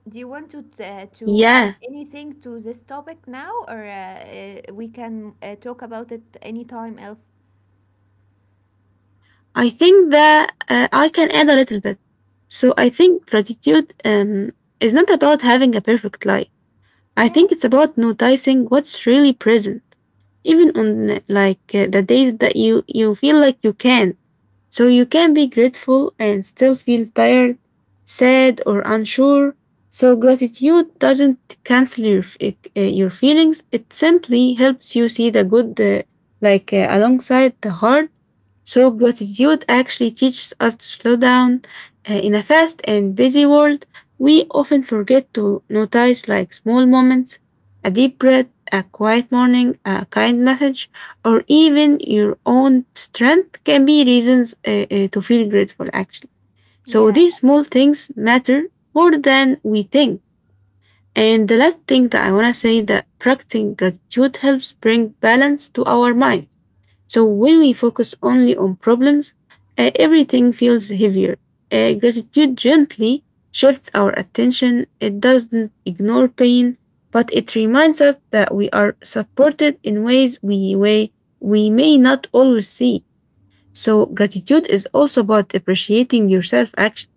Speaker 2: to to add
Speaker 1: yeah,
Speaker 2: anything to this topic now, or we can talk about it anytime else?
Speaker 1: I think that I can add a little bit. So I think gratitude is not about having a perfect life.
Speaker 2: Yeah,
Speaker 1: I think it's about noticing what's really present, even on the days that you feel like you can. So you can be grateful and still feel tired, sad, or unsure. So gratitude doesn't cancel your your feelings. It simply helps you see the good, alongside the hard. So gratitude actually teaches us to slow down in a fast and busy world we often forget to notice like small moments, a deep breath, a quiet morning, a kind message, or even your own strength can be reasons to feel grateful, actually. So
Speaker 2: yeah,
Speaker 1: these small things matter more than we think. And the last thing that I want to say that practicing gratitude helps bring balance to our mind. So when we focus only on problems, everything feels heavier. Gratitude gently shifts our attention. It doesn't ignore pain, but it reminds us that we are supported in ways we way we may not always see. So gratitude is also about appreciating yourself, actually,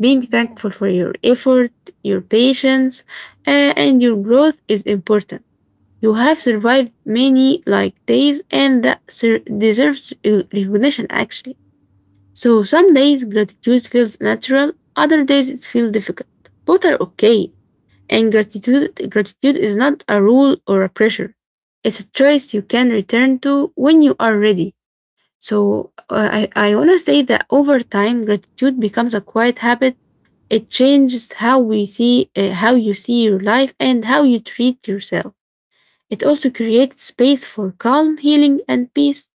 Speaker 1: being
Speaker 2: yeah.
Speaker 1: thankful for your effort, your patience, and your growth is important. You have survived many like days and that deserves recognition, actually. So some days gratitude feels natural, other days it feels difficult. Both are okay. And gratitude is not a rule or a pressure. It's a choice you can return to when you are ready. So I want to say that over time gratitude becomes a quiet habit. It changes how we see how you see your life and how you treat yourself. It also creates space for calm, healing, and peace.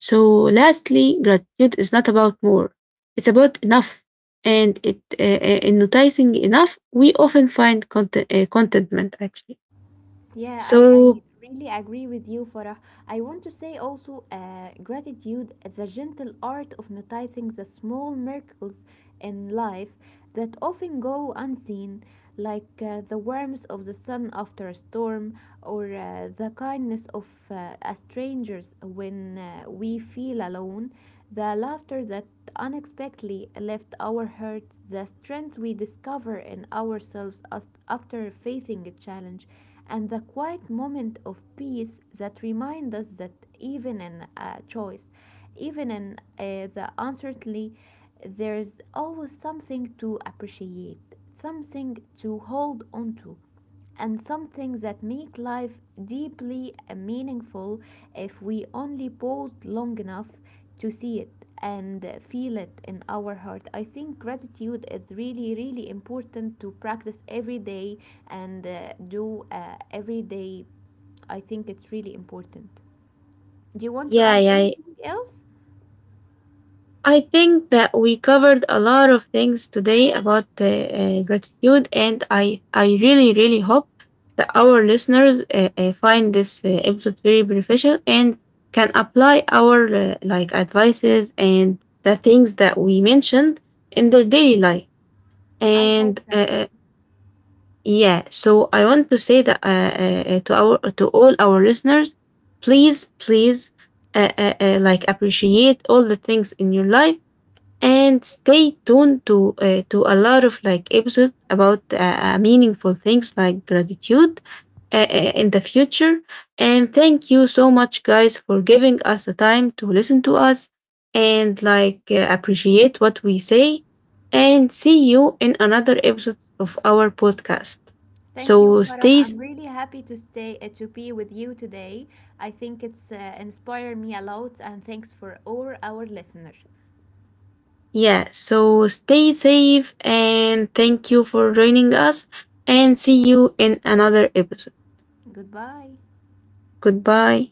Speaker 1: So, lastly, gratitude is not about more, it's about enough. And in noticing enough, we often find contentment, actually.
Speaker 2: Yeah, I
Speaker 1: So,
Speaker 2: really agree with you, Farah. I want to say also gratitude, the gentle art of noticing the small miracles in life that often go unseen, like the warmth of the sun after a storm or the kindness of a strangers when we feel alone, the laughter that unexpectedly left our hearts, the strength we discover in ourselves after facing a challenge, and the quiet moment of peace that remind us that even in choice, even in the uncertainty, there is always something to appreciate, something to hold on to, and something that make life deeply meaningful if we only paused long enough to see it and feel it in our heart. I think gratitude is really, really important to practice every day and do every day. I think it's really important. Do you want to
Speaker 1: yeah,
Speaker 2: add
Speaker 1: yeah,
Speaker 2: anything else?
Speaker 1: I think that we covered a lot of things today about gratitude, and I really, really hope that our listeners find this episode very beneficial and can apply our like advices and the things that we mentioned in their daily life.
Speaker 2: I hope
Speaker 1: And
Speaker 2: that's all.
Speaker 1: yeah, so I want to say that to all our listeners, please, please, like appreciate all the things in your life and stay tuned to a lot of like episodes about meaningful things like gratitude in the future, and thank you so much guys for giving us the time to listen to us and like appreciate what we say and see you in another episode of our podcast,
Speaker 2: Thank
Speaker 1: so
Speaker 2: you, Farah. I'm really happy to stay to be with you today. I think it's inspired me a lot, and thanks for all our listeners.
Speaker 1: yeah, so stay safe and thank you for joining us and see you in another episode.
Speaker 2: Goodbye.
Speaker 1: Goodbye.